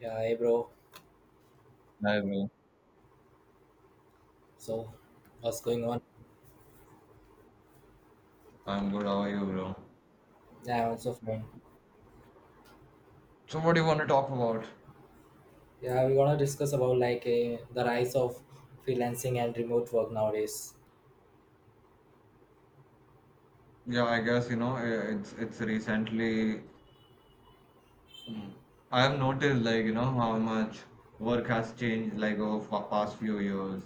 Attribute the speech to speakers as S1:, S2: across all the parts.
S1: Yeah, hey bro.
S2: Hi, bro.
S1: So, what's going on?
S2: I'm good. How are you, bro?
S1: Yeah, I'm also fine.
S2: So, what do you want to talk about?
S1: Yeah, we're gonna discuss about like the rise of freelancing and remote work nowadays.
S2: Yeah, I guess it's recently. mm, I have noticed, like, you know, how much work has changed, like, over the past few years.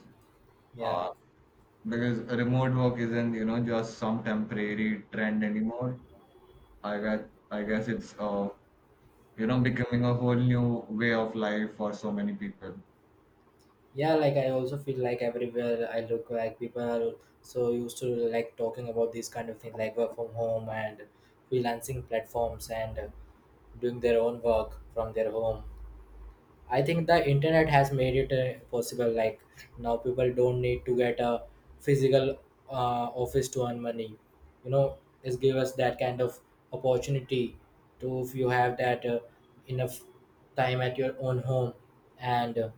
S1: Yeah,
S2: Uh, because remote work isn't, you know, just some temporary trend anymore. I guess I guess it's you know becoming a whole new way of life for so many people.
S1: yeah. Like I also feel like everywhere I look, like people are so used to like talking about these kind of things, like work from home and freelancing platforms and doing their own work from their home. I think the internet has made it possible. Like now, people don't need to get a physical uh, office to earn money. You know, it's give us that kind of opportunity to if you have that enough time at your own home and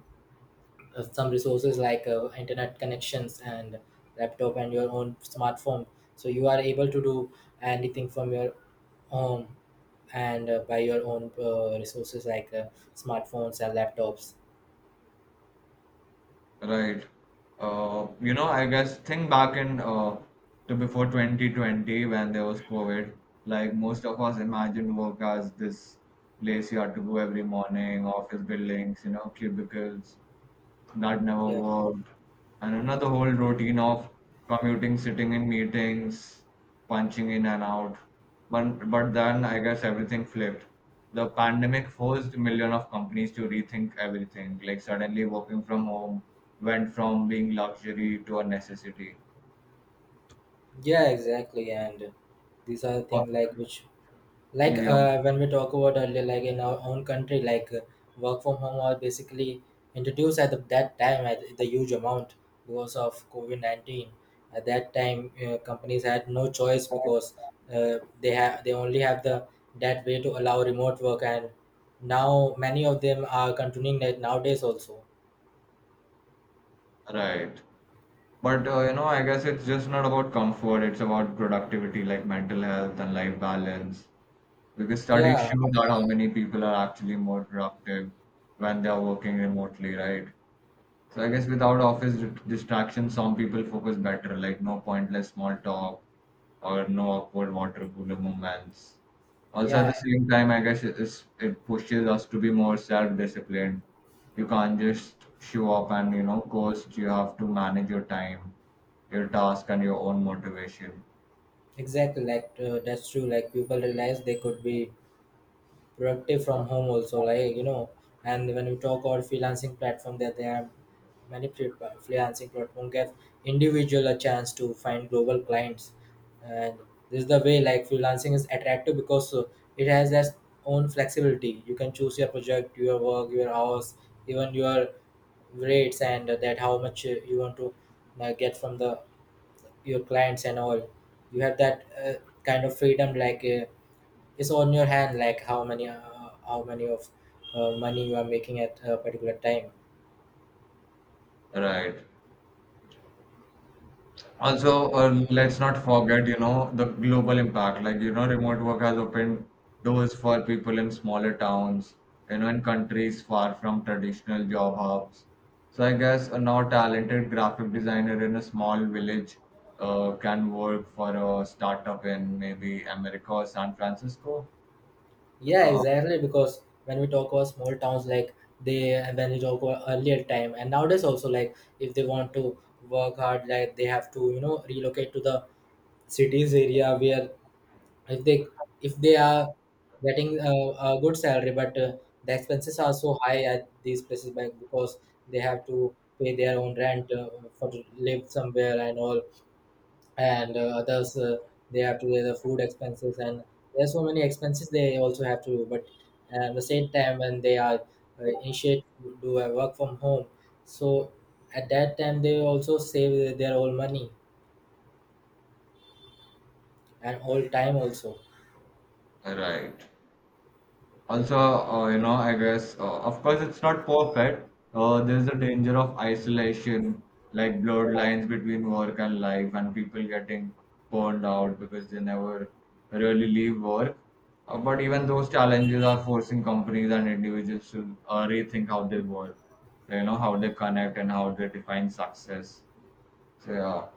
S1: some resources like internet connections and laptop and your own smartphone. So you are able to do anything from your home and by your own resources like smartphones and laptops.
S2: Right. You know, I guess think back in to before 2020, when there was COVID, like most of us imagined work as this place you had to go every morning, office buildings, you know, cubicles that never
S1: Yeah,
S2: worked. And you know, the whole routine of commuting, sitting in meetings, punching in and out. But then I guess everything flipped. The pandemic forced million of companies to rethink everything. Like suddenly working from home went from being luxury to a necessity.
S1: yeah, exactly. And these are things
S2: Or-
S1: like which like
S2: Yeah,
S1: when we talk about earlier like in our own country like work from home are basically introduced at that time at the huge amount because of COVID-19. At that time companies had no choice because they only have the that way to allow remote work, and now many of them are continuing that nowadays also.
S2: right. But you know, I guess it's just not about comfort, it's about productivity, like mental health and life balance. Because studies
S1: Yeah,
S2: show that how many people are actually more productive when they are working remotely, right? So I guess without office d- distractions, some people focus better, like no pointless small talk or no awkward water cooler moments. Also, at the
S1: yeah,
S2: same time, I guess it pushes us to be more self-disciplined. You can't just show up and, you know, coast. You have to manage your time, your task, and your own motivation,
S1: exactly, like that's true like people realize they could be productive from home also, like you know. And when we talk about freelancing platform, that there are many freelancing platform give individual a chance to find global clients. And this is the way like freelancing is attractive because it has its own flexibility. You can choose your project, your work, your hours, even your rates, and that how much you want to get from the your clients and all. You have that kind of freedom like it's on your hand like how many of money you are making at a particular time.
S2: right? Also, let's not forget, you know, the global impact. Like, you know, remote work has opened doors for people in smaller towns, you know, in countries far from traditional job hubs. So I guess a now talented graphic designer in a small village can work for a startup in maybe America or San Francisco.
S1: Yeah,
S2: Uh,
S1: exactly, because when we talk about small towns like they, when we talk about earlier time and nowadays also, like if they want to work hard like they have to, you know, relocate to the cities area where if they if they are getting a good salary but the expenses are so high at these places like because they have to pay their own rent for to live somewhere and all, and others they have to pay the food expenses, and there's so many expenses they also have to do. But at the same time when they are initiate to do a work from home, so at that time they also save their own money and all time also.
S2: right. Also, you know, I guess, of course, it's not perfect. There's a danger of isolation, like blurred lines between work and life, and people getting burned out because they never really leave work. But even those challenges are forcing companies and individuals to rethink how they work, you know, how they connect and how they define success. So, yeah,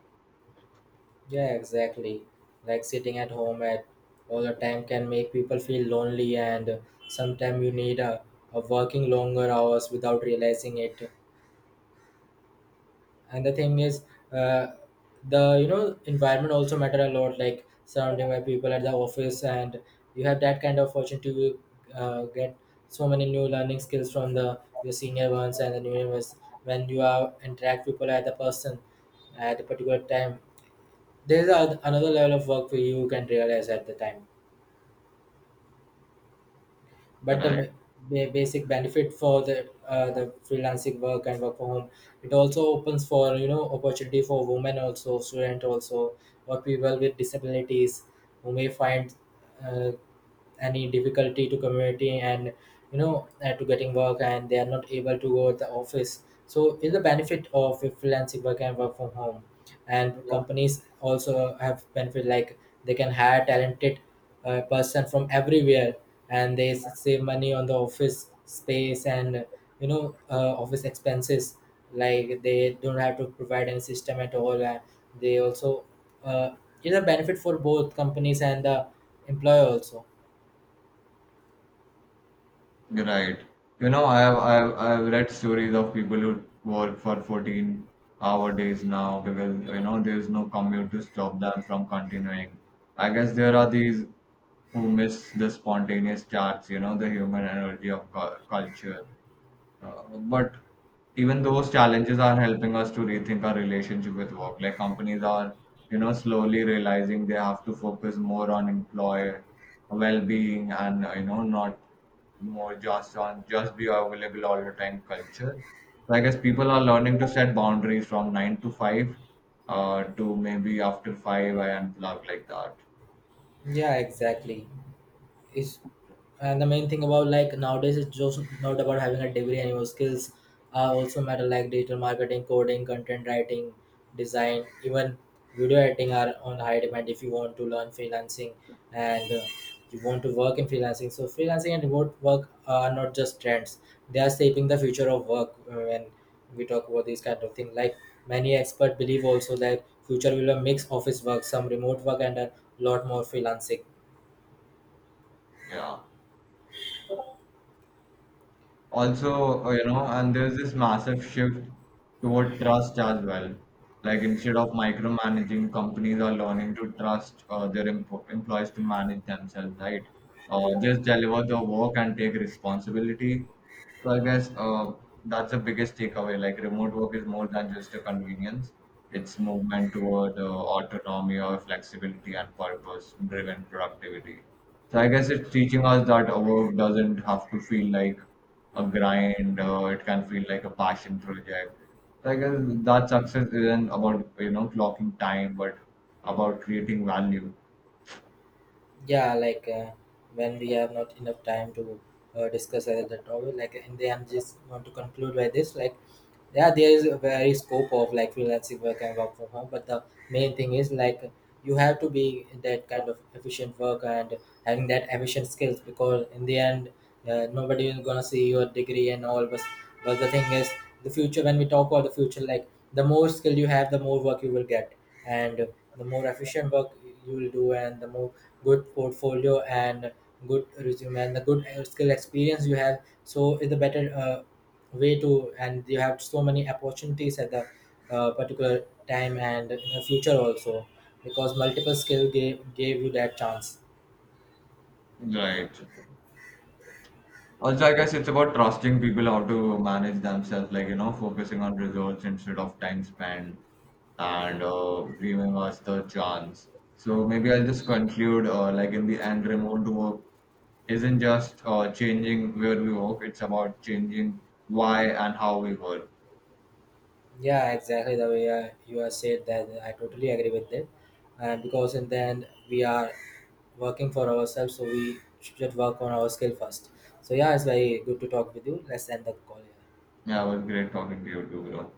S1: Yeah, exactly, like sitting at home at all the time can make people feel lonely, and sometimes you need a working longer hours without realizing it. And the thing is uh, the you know environment also matter a lot, like surrounding by people at the office, and you have that kind of fortune to get so many new learning skills from the your senior ones and the new ones when you are interact people at the person at a particular time. There's another level of work for you you can realize at the time. But
S2: right.
S1: basic benefit for the freelancing work and work from home, it also opens for you know opportunity for women also, student also, or people with disabilities who may find uh, any difficulty to community, and you know to getting work, and they are not able to go to the office, so is the benefit of a freelancing work and work from home. And companies also have benefit like they can hire talented person from everywhere, and they save money on the office space and you know office expenses, like they don't have to provide any system at all. And they also uh, is a benefit for both companies and the employer also.
S2: Right. You know, I have I've read stories of people who work for 14-hour days now because you know there's no commute to stop them from continuing. I guess there are these who miss the spontaneous starts, you know, the human energy of culture. Uh, but even those challenges are helping us to rethink our relationship with work. Like companies are, you know, slowly realizing they have to focus more on employee well-being and you know not more just on just be available all the time culture. So I guess people are learning to set boundaries from nine to five, to maybe after five I unplug like that.
S1: Yeah, exactly. It's And the main thing about like nowadays, it's just not about having a degree anymore. Skills also matter like digital marketing, coding, content writing, design, even video editing are on high demand if you want to learn freelancing and you want to work in freelancing. So freelancing and remote work are not just trends; they are shaping the future of work. When we talk about these kind of things, like many experts believe also that future will be a mix office work, some remote work, and a lot more freelancing.
S2: Yeah. Also you know, and there's this massive shift toward trust as well, like instead of micromanaging, companies are learning to trust their empo employees to manage themselves, right? Just deliver the work and take responsibility. So I guess that's the biggest takeaway. Like remote work is more than just a convenience, it's movement toward autonomy or flexibility and purpose driven productivity. So I guess it's teaching us that our work doesn't have to feel like a grind, it can feel like a passion project. So I guess that success isn't about you know clocking time, but about creating value.
S1: Yeah, like when we have not enough time to discuss the topic, like in the end just want to conclude by this like yeah there is a very scope of like freelancing work and work from home, but the main thing is like you have to be that kind of efficient work and having that efficient skills, because in the end nobody is gonna see your degree and all, but the thing is the future. When we talk about the future like the more skill you have, the more work you will get, and the more efficient work you will do, and the more good portfolio and good resume and the good skill experience you have, so is the better way to. And you have so many opportunities at the particular time and in the future also, because multiple skill gave you that chance.
S2: Right. Also, I guess it's about trusting people how to manage themselves, like you know, focusing on results instead of time spent, and giving us the chance. So maybe I'll just conclude, like in the end, remote work isn't just changing where we work; it's about changing why and how we work.
S1: Yeah, exactly the way you have said that. I totally agree with that. And because in the end we are working for ourselves, so we should work on our skill first. So yeah, it's very good to talk with you. Let's end the call here.
S2: Yeah, it was great talking to you too, bro.